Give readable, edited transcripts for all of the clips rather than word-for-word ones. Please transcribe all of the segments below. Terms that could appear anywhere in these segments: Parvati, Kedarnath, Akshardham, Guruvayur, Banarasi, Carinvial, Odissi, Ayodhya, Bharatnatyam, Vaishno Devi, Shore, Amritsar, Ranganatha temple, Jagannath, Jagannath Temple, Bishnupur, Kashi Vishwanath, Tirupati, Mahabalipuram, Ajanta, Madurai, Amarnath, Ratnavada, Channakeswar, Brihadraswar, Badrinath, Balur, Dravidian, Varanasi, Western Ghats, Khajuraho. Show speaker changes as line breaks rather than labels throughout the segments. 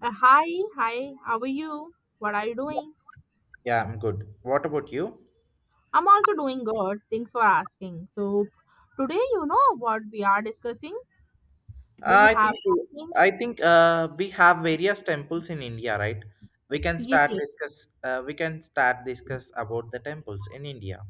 Hi, hi, how are you? What are you doing?
Yeah, I'm good. What about you?
I'm also doing good. Thanks for asking. So, today, you know what we are discussing? Do you
I
have
think so-
something?
I think we have various temples in India, right? We can
Yes,
start
yes.
discuss. We can start discuss about the temples in India.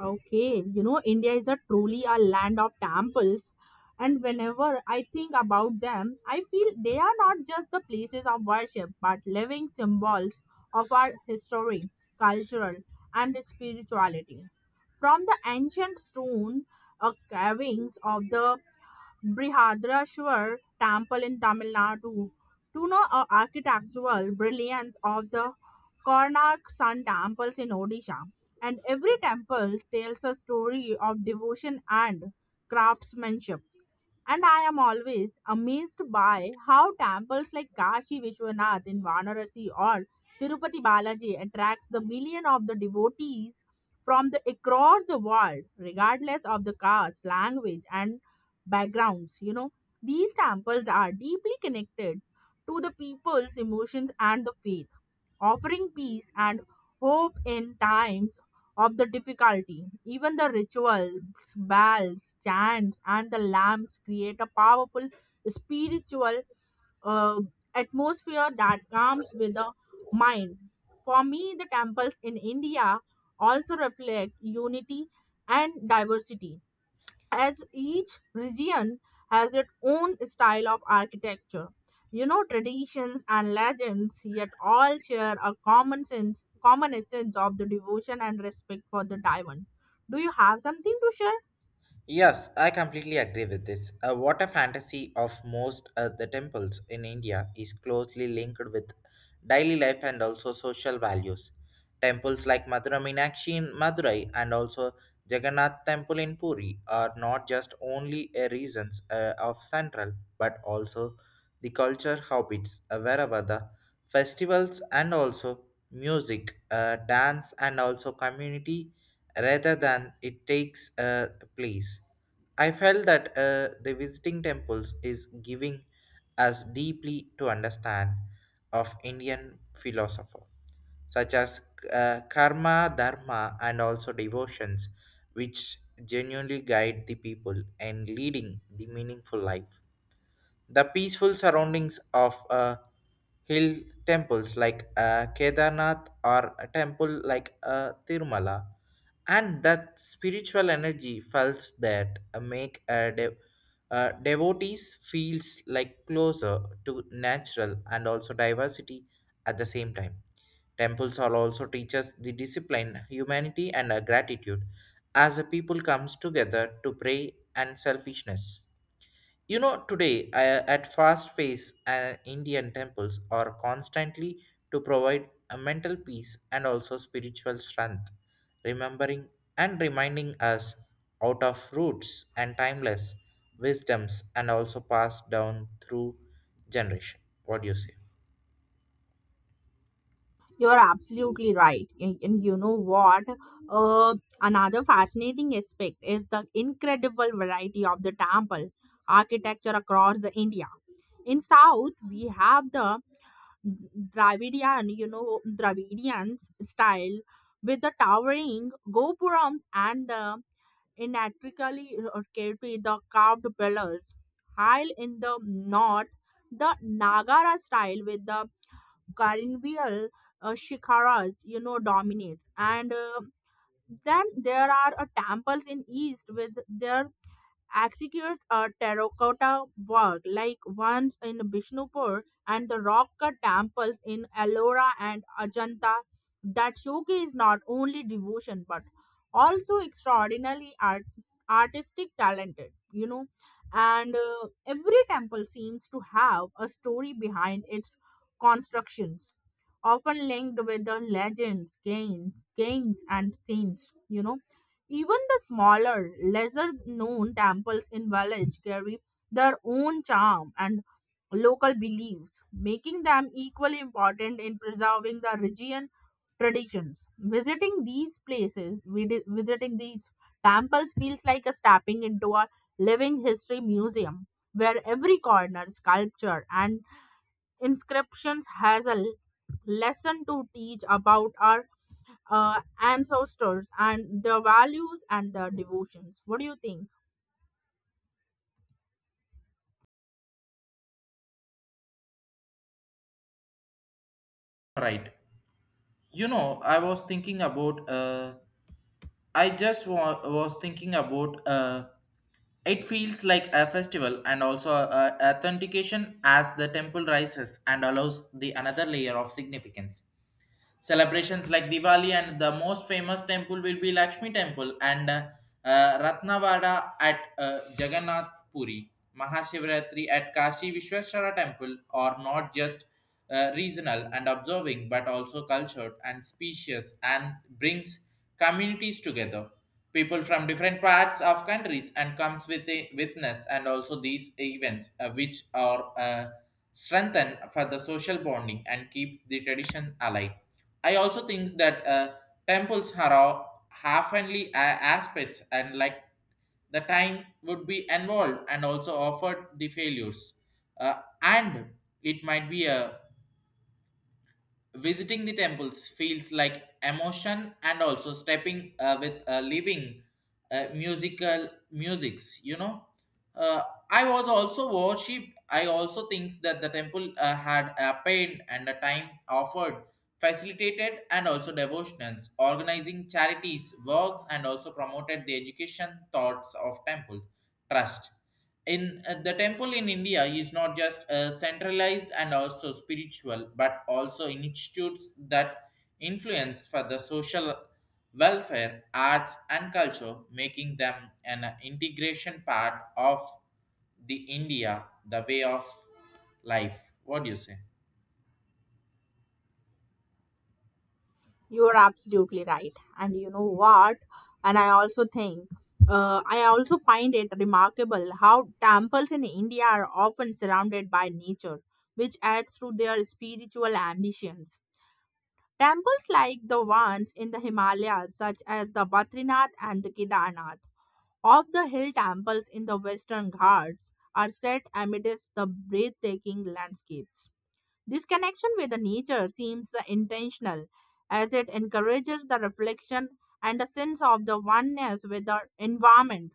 Okay. You know, India is a truly a land of temples. And whenever I think about them, I feel they are not just the places of worship, but living symbols of our history, cultural, and spirituality. From the ancient stone carvings of the Brihadraswar temple in Tamil Nadu. To know the architectural brilliance of the Karnak Sun temples in Odisha. And every temple tells a story of devotion and craftsmanship. And I am always amazed by how temples like Kashi Vishwanath in Varanasi or Tirupati Balaji attracts the million of the devotees from the across the world, regardless of the caste, language, and backgrounds. You know, these temples are deeply connected to the people's emotions and the faith, offering peace and hope in times of the difficulty. Even the rituals, bells, chants, and the lamps create a powerful spiritual uh, atmosphere that comes with the mind. For me, the temples in India also reflect unity and diversity as each region has its own style of architecture, you know, traditions and legends, yet all share a common sense, common essence of the devotion and respect for the diamond. Do you have something to share?
Yes, I completely agree with this. What A water fantasy of most of the temples in India is closely linked with daily life and also social values. Temples like Madura Meenakshi in Madurai and also Jagannath Temple in Puri are not just only a reasons of central but also the culture habits, wherever the festivals and also music, dance and also community rather than it takes a place. I felt that the visiting temples is giving us deeply to understand of Indian philosopher such as karma, dharma, and also devotions, which genuinely guide the people and leading the meaningful life. The peaceful surroundings of hill temples like Kedarnath or a temple like Tirumala and that spiritual energy felt that make a devotees feels like closer to natural and also diversity at the same time temples are also teaches the discipline humanity and gratitude as a people comes together to pray and selfishness. You know, today at fast pace, Indian temples are constantly to provide a mental peace and also spiritual strength, remembering and reminding us out of roots and timeless wisdoms and also passed down through generation. What do you say?
You're absolutely right, and you know what? uh, Another fascinating aspect is the incredible variety of the temple architecture across the India. In south we have the Dravidian, you know, Dravidian style with the towering gopurams and the intricately orchestrated the carved pillars. While in the north, the Nagara style with the Carinvial shikharas, you know, dominates. And then there are temples in east with their executes a terracotta work like ones in Bishnupur and the rock cut temples in Ellora and Ajanta that showcase not only devotion but also extraordinarily artistic talented, you know. And every temple seems to have a story behind its constructions, often linked with the legends, kings, and saints, you know. Even the smaller, lesser known temples in village carry their own charm and local beliefs, making them equally important in preserving the region traditions. Visiting these places, visiting these temples feels like a stepping into a living history museum where every corner, sculpture, and inscriptions has a lesson to teach about our ancestors and their values and their devotions. What do you think?
Right. You know, I was thinking about I just wa- was thinking about it feels like a festival and also a authentication as the temple rises and allows the another layer of significance. Celebrations like Diwali and the most famous temple will be Lakshmi Temple and Ratnavada at Jagannath Puri, Mahashivratri at Kashi Vishweshwara Temple are not just regional and observing but also cultured and specious and brings communities together. People from different parts of countries and comes with a witness and also these events which are strengthened for the social bonding and keep the tradition alive. I also think that temples are all half-only aspects and like the time would be involved and also offered the failures. And it might be a visiting the temples feels like emotion and also stepping with living musical musics. You know, uh, I was also worshipped I also thinks that the temple had a pain and a time offered facilitated and also devotionals organizing charities works and also promoted the education thoughts of temple trust. In the temple in india is not just centralized and also spiritual but also institutes that influence for the social welfare arts and culture making them an integration part of the india the way of life. What do you say?
You are absolutely right. And you know what? And I also think, I also find it remarkable how temples in India are often surrounded by nature, which adds to their spiritual ambitions. Temples like the ones in the Himalayas, such as the Badrinath and the Kedarnath, of the hill temples in the Western Ghats are set amidst the breathtaking landscapes. This connection with the nature seems intentional as it encourages the reflection and a sense of the oneness with the environment.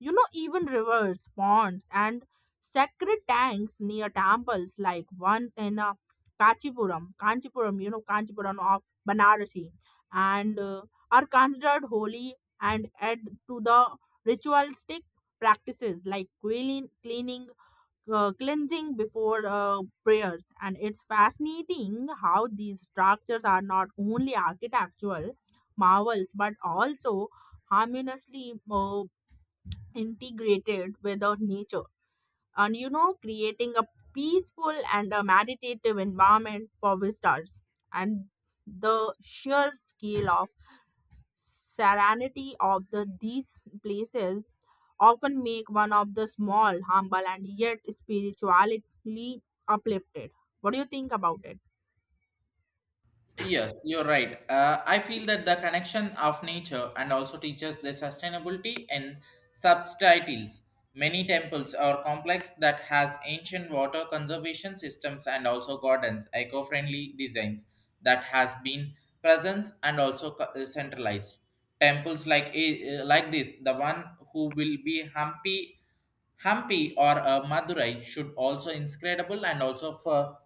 You know, even rivers, ponds, and sacred tanks near temples, like once in Kanchipuram, you know, Kanchipuram of Banarasi, and are considered holy and add to the ritualistic practices like cleaning, cleansing before prayers. And it's fascinating how these structures are not only architectural marvels but also harmoniously integrated with our nature, and you know, creating a peaceful and a meditative environment for visitors, and the sheer scale of serenity of the these places often make one of the small humble and yet spiritually uplifted. What do you think about it?
Yes, you're right. I feel that the connection of nature and also teaches the sustainability and subtitles. Many temples are complex that has ancient water conservation systems and also gardens, eco-friendly designs that has been present and also centralized. Temples like like this, the one who will be Hampi or Madurai should also inscrutable and also for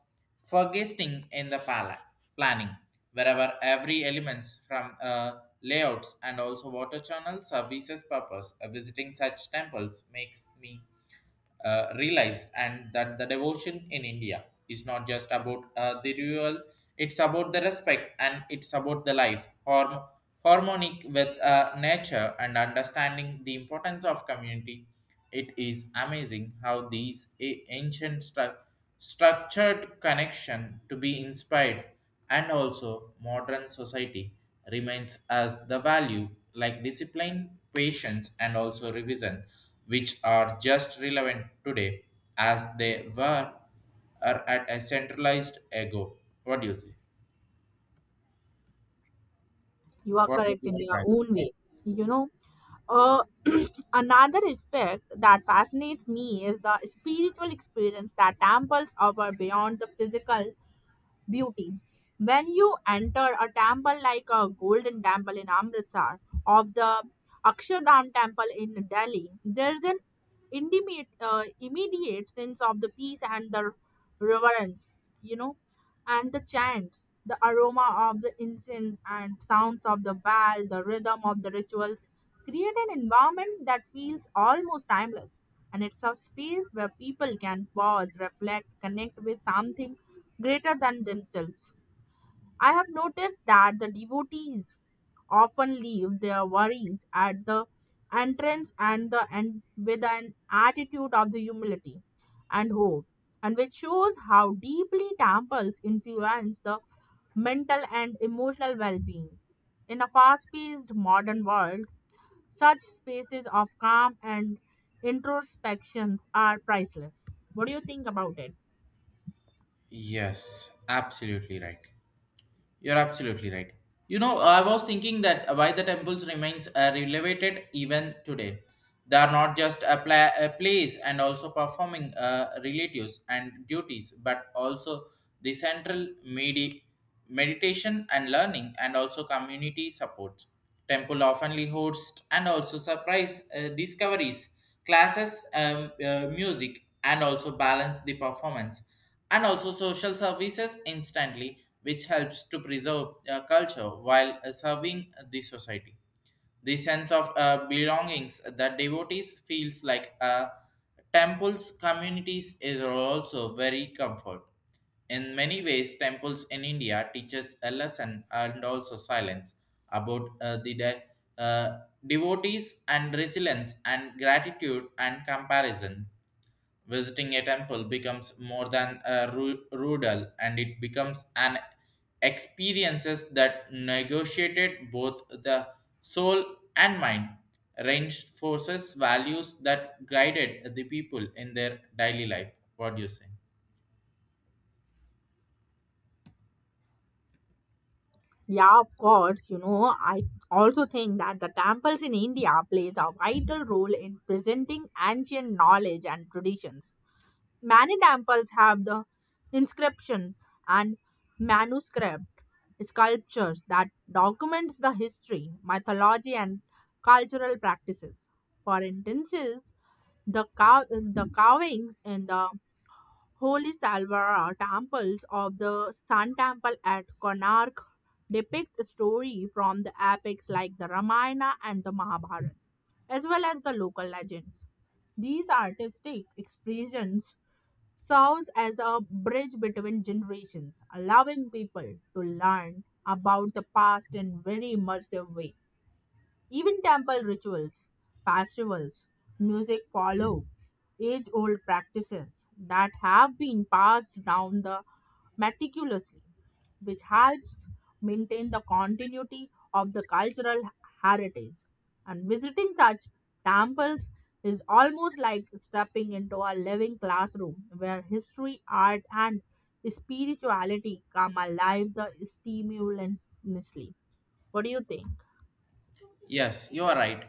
forgetting in the pala planning, wherever every elements from layouts and also water channel services purpose. Visiting such temples makes me realize and that the devotion in India is not just about the ritual. It's about the respect and it's about the life, harmonic with nature and understanding the importance of community. It is amazing how these ancient structured connection to be inspired and also modern society remains as the value like discipline, patience and also revision, which are just relevant today as they were are at a centralized ego. What do you think?
You are
What do
correct
you
in your
find?
own way. You know, uh, another aspect that fascinates me is the spiritual experience that temples offer beyond the physical beauty. When you enter a temple like a golden temple in Amritsar or the Akshardham temple in Delhi, there's an immediate sense of the peace and the reverence, you know, and the chants, the aroma of the incense and sounds of the bell, the rhythm of the rituals create an environment that feels almost timeless, and it's a space where people can pause, reflect, connect with something greater than themselves. I have noticed that the devotees often leave their worries at the entrance and the end with an attitude of the humility and hope, and which shows how deeply temples influence the mental and emotional well-being. In a fast-paced modern world, such spaces of calm and introspections are priceless. What do you think about it?
Yes, absolutely right. You're absolutely right. You know, I was thinking that why the temples remains relevant even today. They are not just a, a place and also performing relatives and duties, but also the central meditation and learning and also community support. Temple oftenly hosts and also surprise discoveries, classes, music, and also balance the performance and also social services instantly, which helps to preserve culture while serving the society. The sense of belongings that devotees feels like temples communities is also very comfort. In many ways, temples in India teaches a lesson and also silence about uh, devotees and resilience and gratitude and comparison. Visiting a temple becomes more than a rudal and it becomes an experiences that negotiated both the soul and mind. Range forces values that guided the people in their daily life. What do you say?
Yeah, of course. You know, I also think that the temples in India plays a vital role in presenting ancient knowledge and traditions. Many temples have the inscriptions and manuscript sculptures that documents the history, mythology, and cultural practices. For instance, the cow- the carvings in the Holy Salvara temples of the Sun Temple at Konark depict story from the epics like the Ramayana and the Mahabharata, as well as the local legends. These artistic expressions serves as a bridge between generations, allowing people to learn about the past in very immersive way. Even temple rituals, festivals, music follow age old practices that have been passed down the meticulously, which helps maintain the continuity of the cultural heritage. And visiting such temples is almost like stepping into a living classroom where history, art, and spirituality come alive the stimulously. What do you think?
Yes, you are right.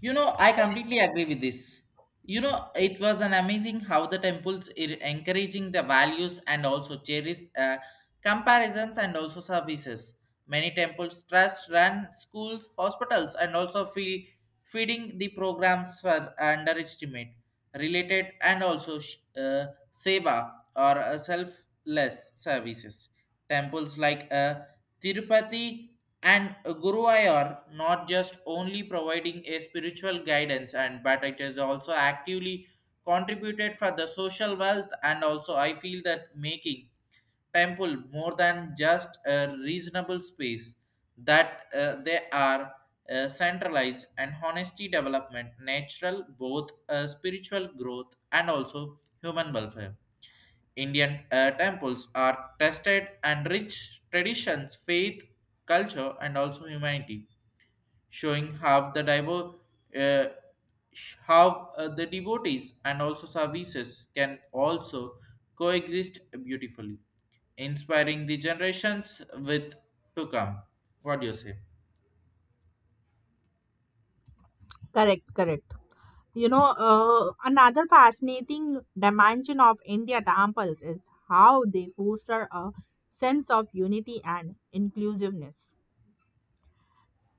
You know, I completely agree with this. You know, it was an amazing how the temples are encouraging the values and also cherish comparisons and also services. Many temples trust run schools, hospitals, and also feeding the programs for underestimate related and also seva or selfless services. Temples like Tirupati and Guruvayur not just only providing a spiritual guidance and but it is also actively contributed for the social wealth and also I feel that making temple more than just a reasonable space that they are centralized and honesty development natural both spiritual growth and also human welfare. Indian temples are tested and rich traditions, faith, culture, and also humanity, showing how the uh, how the devotees and also services can also coexist beautifully, inspiring the generations with to come. What do you say?
Correct, correct. You know, another fascinating dimension of India temples is how they foster a sense of unity and inclusiveness.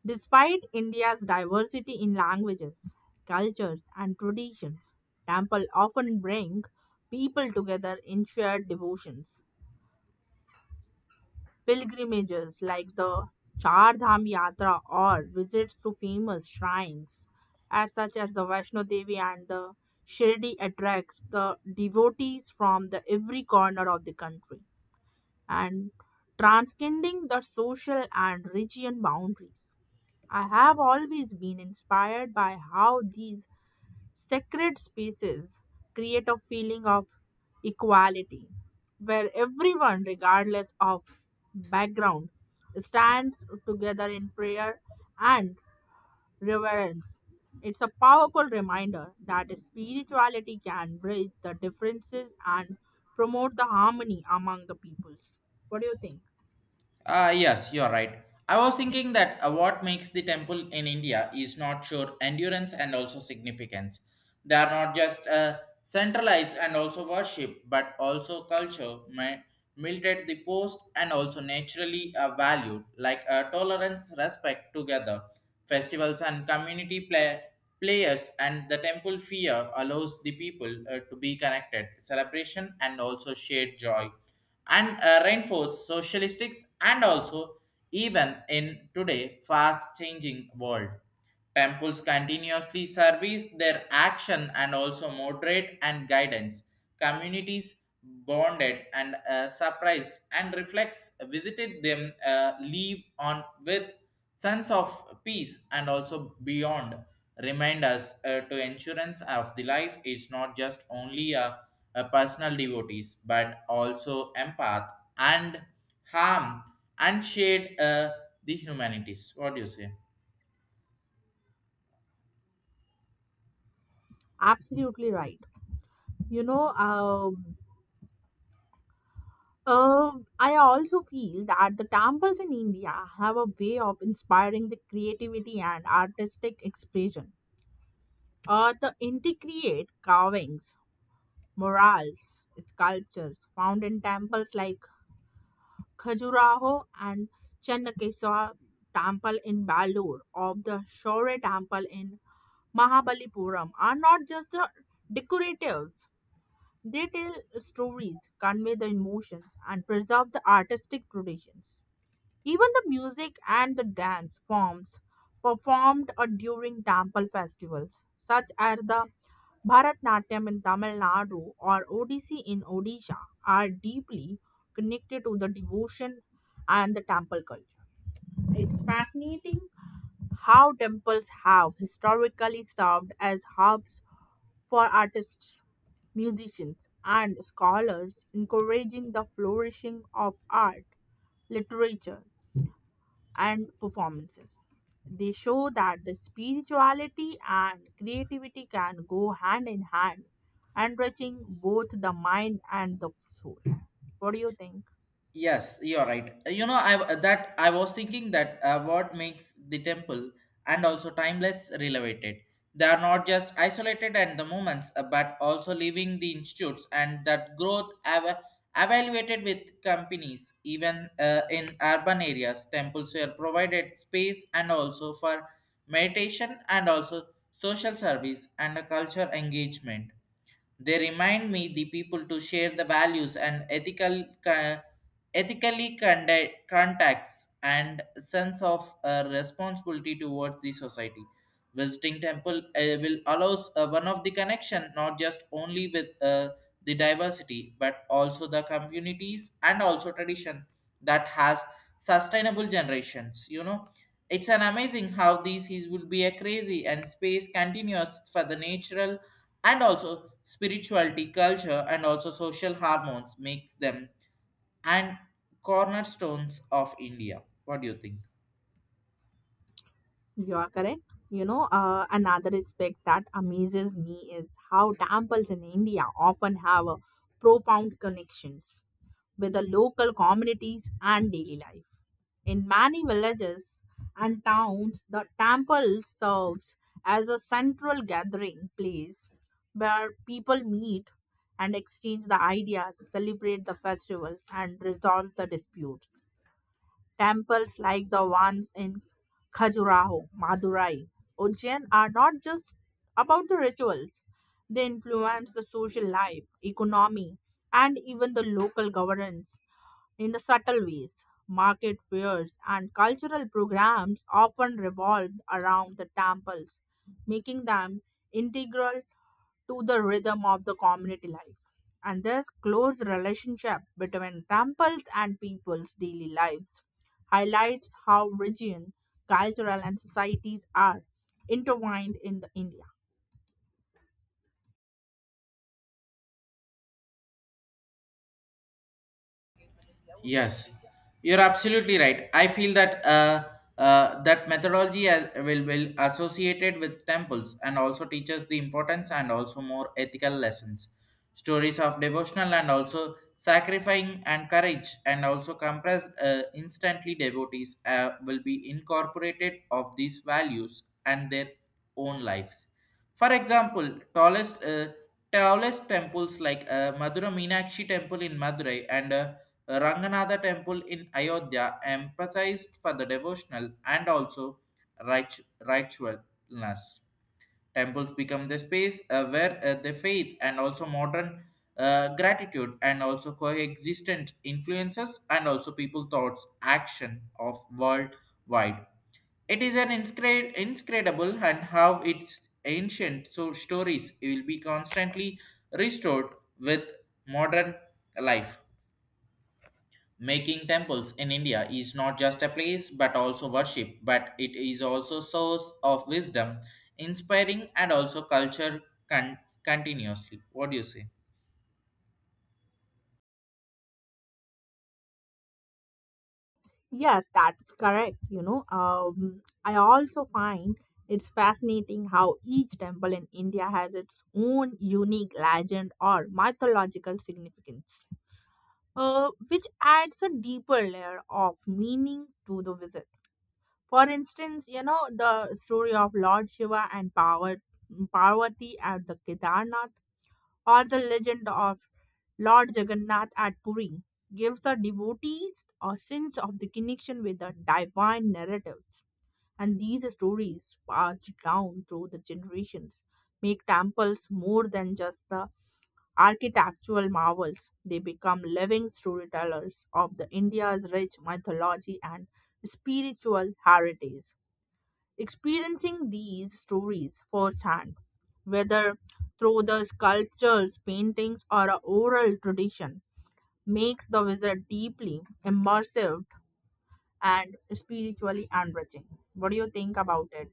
Despite India's diversity in languages, cultures, and traditions, temple often bring people together in shared devotions. Pilgrimages like the Char Dham Yatra or visits to famous shrines as such as the Vaishno Devi and the Shirdi attracts the devotees from the every corner of the country and transcending the social and region boundaries. I have always been inspired by how these sacred spaces create a feeling of equality where everyone, regardless of background, stands together in prayer and reverence. It's a powerful reminder that spirituality can bridge the differences and promote the harmony among the peoples. What do you think?
Yes, you're right. I was thinking that what makes the temple in India is not sure endurance and also significance. They are not just centralized and also worship, but also culture, military the post, and also naturally valued, like tolerance, respect together. Festivals and community play, players and the temple fear allows the people to be connected, celebration, and also shared joy and reinforce socialistics and also even in today fast changing world. Temples continuously service their action and also moderate and guidance. Communities bonded and surprised and reflects visited them leave on with sense of peace and also beyond remind us to insurance of the life is not just only a personal devotees but also empath and harm and shade the humanities. What do you say?
Absolutely right. You know, I also feel that the temples in India have a way of inspiring the creativity and artistic expression. The intricate carvings, murals, sculptures found in temples like Khajuraho and Channakeswar temple in Balur or the Shore temple in Mahabalipuram are not just the decoratives. They tell stories, convey the emotions, and preserve the artistic traditions. Even the music and the dance forms performed during temple festivals, such as the Bharatnatyam in Tamil Nadu or Odissi in Odisha, are deeply connected to the devotion and the temple culture. It's fascinating how temples have historically served as hubs for artists, musicians, and scholars, encouraging the flourishing of art, literature, and performances. They show that the spirituality and creativity can go hand in hand, enriching both the mind and the soul. What do you think?
Yes, you're right. You know, I that I was thinking that what makes the temple and also timeless relevant. They are not just isolated and the moments, but also leaving the institutes and that growth evaluated with companies, even in urban areas. Temples were provided space and also for meditation and also social service and a culture engagement. They remind me the people to share the values and ethical ethically conduct, contacts and sense of responsibility towards the society. Visiting temple will allows one of the connection not just only with the diversity but also the communities and also tradition that has sustainable generations. You know, it's an amazing how these is would be a crazy and space continuous for the natural and also spirituality culture and also social hormones makes them and cornerstones of india. What do you think?
You're correct. You know, another aspect that amazes me is how temples in India often have a profound connections with the local communities and daily life. In many villages and towns, the temple serves as a central gathering place where people meet and exchange the ideas, celebrate the festivals, and resolve the disputes. Temples like the ones in Khajuraho, Madurai, Ujjain are not just about the rituals. They influence the social life, economy, and even the local governance in the subtle ways. Market fairs and cultural programs often revolve around the temples, making them integral to the rhythm of the community life. And this close relationship between temples and people's daily lives highlights how region, cultural, and societies are intertwined in the India.
Yes, you're absolutely right. I feel that that methodology will associated with temples and also teaches the importance and also more ethical lessons, stories of devotional and also sacrificing and courage and also compressed instantly devotees will be incorporated of these values and their own lives. For example, tallest temples like Madura Meenakshi temple in Madurai and Ranganatha temple in Ayodhya emphasized for the devotional and also ritualness. Temples become the space where the faith and also modern gratitude and also coexistent influences and also people thoughts action of worldwide. It is an inscredible and how its ancient so stories will be constantly restored with modern life. Making temples in India is not just a place but also worship, but it is also source of wisdom, inspiring and also culture con- continuously. What do you say?
Yes, that's correct. You know, I also find it's fascinating how each temple in India has its own unique legend or mythological significance, which adds a deeper layer of meaning to the visit. For instance, you know, the story of Lord Shiva and Parvati at the Kedarnath or the legend of Lord Jagannath at Puri gives the devotees a sense of the connection with the divine narratives. And these stories, passed down through the generations, make temples more than just the architectural marvels. They become living storytellers of the India's rich mythology and spiritual heritage. Experiencing these stories firsthand, whether through the sculptures, paintings, or a oral tradition, makes the visit deeply immersive and spiritually enriching. What do you think about it?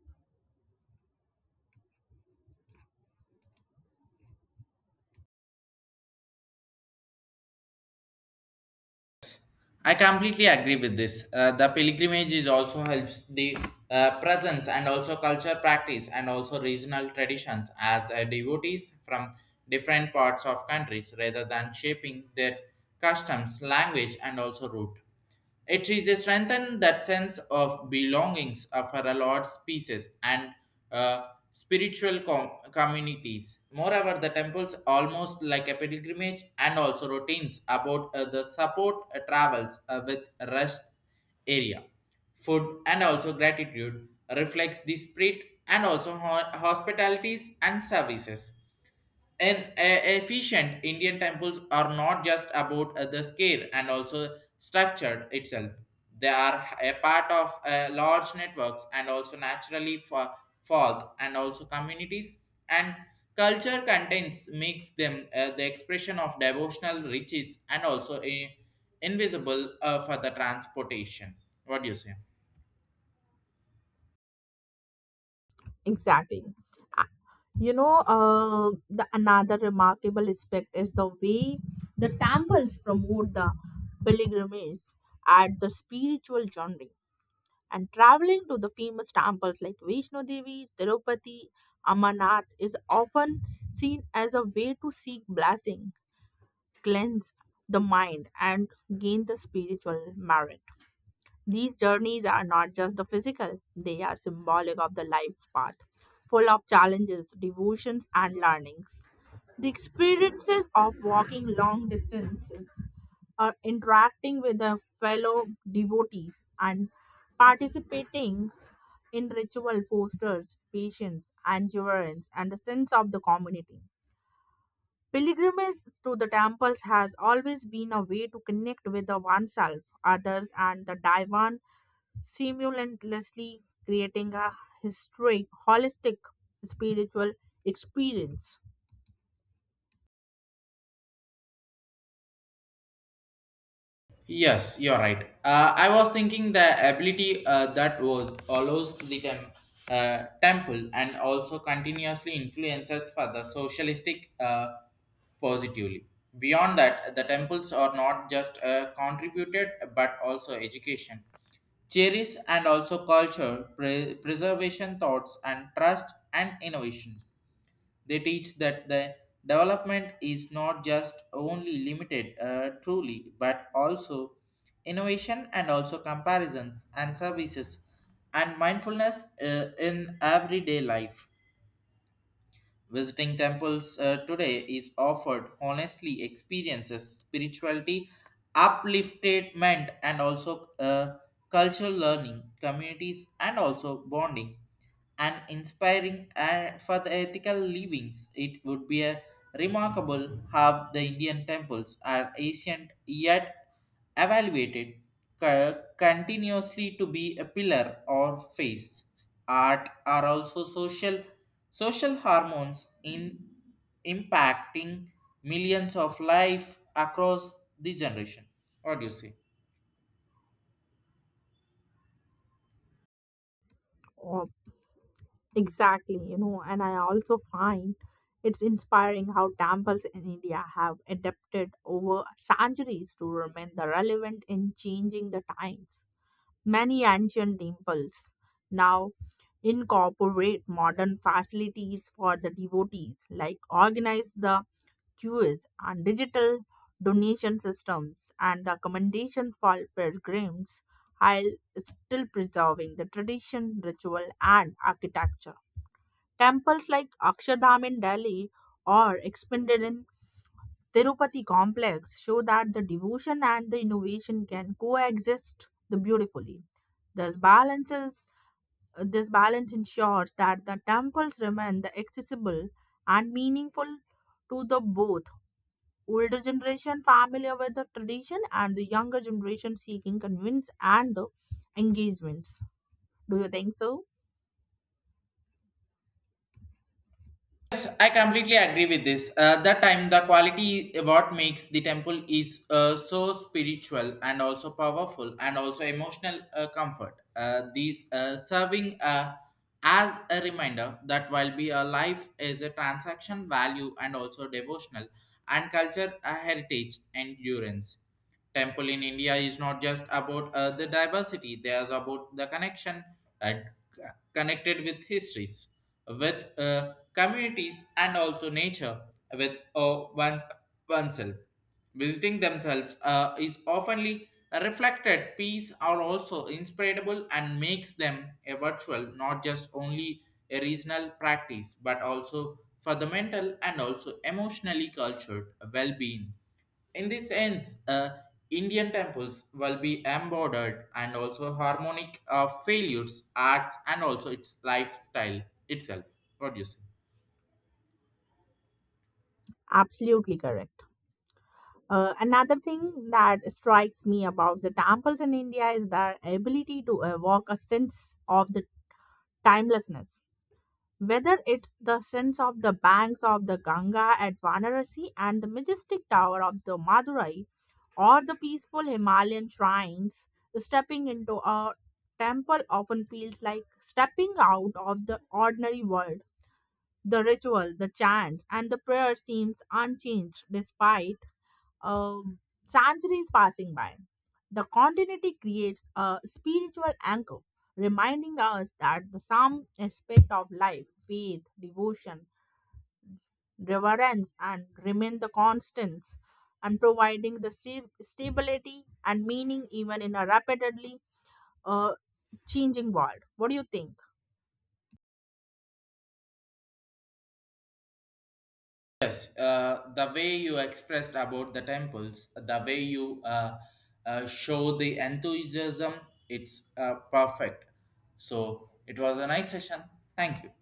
I completely agree with this. The pilgrimage is also helps the presence and also culture practice and also regional traditions as devotees from different parts of countries rather than shaping their customs, language and also root. It is a strengthen that sense of belongings for a lot species and spiritual communities. Moreover, the temples almost like a pilgrimage and also routines about the support travels with rest area, food and also gratitude reflects the spirit and also hospitalities and services. And efficient Indian temples are not just about the scale and also structured itself. They are a part of large networks and also naturally for forth and also communities and culture contains makes them the expression of devotional riches and also invisible for the transportation. What do you say?
Exactly. Uh, You know, the another remarkable aspect is the way the temples promote the pilgrimage at the spiritual journey. And traveling to the famous temples like Vaishno Devi, Tirupati, Amarnath is often seen as a way to seek blessing, cleanse the mind, and gain the spiritual merit. These journeys are not just the physical, they are symbolic of the life's path, full of challenges, devotions, and learnings. The experiences of walking long distances, or interacting with the fellow devotees, and participating in ritual fosters patience, endurance, and a sense of the community. Pilgrimage to the temples has always been a way to connect with the oneself, others, and the divine, simultaneously creating a holistic spiritual experience.
Yes, you're right. I was thinking the ability that was allows the temple and also continuously influences for the socialistic positively. Beyond that, the temples are not just contributed but also education, cherish and also culture, preservation thoughts and trust and innovations. They teach that the development is not just only limited truly, but also innovation and also comparisons and services and mindfulness in everyday life. Visiting temples today is offered honestly experiences, spirituality, upliftment, and also cultural learning, communities, and also bonding and inspiring for the ethical livings. It would be a remarkable how the Indian temples are ancient yet evaluated continuously to be a pillar or face. Art are also social Social hormones in impacting millions of life across the generation. What do you say?
Oh, exactly, you know, and I also find it's inspiring how temples in India have adapted over centuries to remain the relevant in changing the times. Many ancient temples now incorporate modern facilities for the devotees, like organize the queues and digital donation systems and the accommodations for pilgrims, while still preserving the tradition, ritual, and architecture. Temples like Akshardham in Delhi or expanded in Tirupati complex show that the devotion and the innovation can coexist the beautifully. This balances this balance ensures that the temples remain the accessible and meaningful to the both older generation familiar with the tradition and the younger generation seeking convince and the engagements. Do you think so?
Yes, I completely agree with this. That time, the quality what makes the temple is so spiritual and also powerful and also emotional comfort. These serving as a reminder that while be a life is a transaction value and also devotional and culture a heritage endurance. Temple in India is not just about the diversity; there's about the connection and connected with histories with communities, and also nature with one, oneself. Visiting themselves is oftenly reflected peace are also inspirable and makes them a virtual, not just only a regional practice, but also for the mental and also emotionally cultured well-being. In this sense, Indian temples will be embodied and also harmonic of failures, arts, and also its lifestyle itself. What do you say?
Absolutely correct. Another thing that strikes me about the temples in India is their ability to evoke a sense of the timelessness. Whether it's the sense of the banks of the Ganga at Varanasi and the majestic tower of the Madurai, or the peaceful Himalayan shrines, stepping into a temple often feels like stepping out of the ordinary world. The ritual, the chants, and the prayer seems unchanged despite um, centuries passing by. The continuity creates a spiritual anchor, reminding us that the some aspect of life, faith, devotion, reverence, and remain the constants, and providing the stability and meaning even in a rapidly uh, changing world. What do you think?
Yes, the way you expressed about the temples, the way you show the enthusiasm, it's perfect. So it was a nice session. Thank you.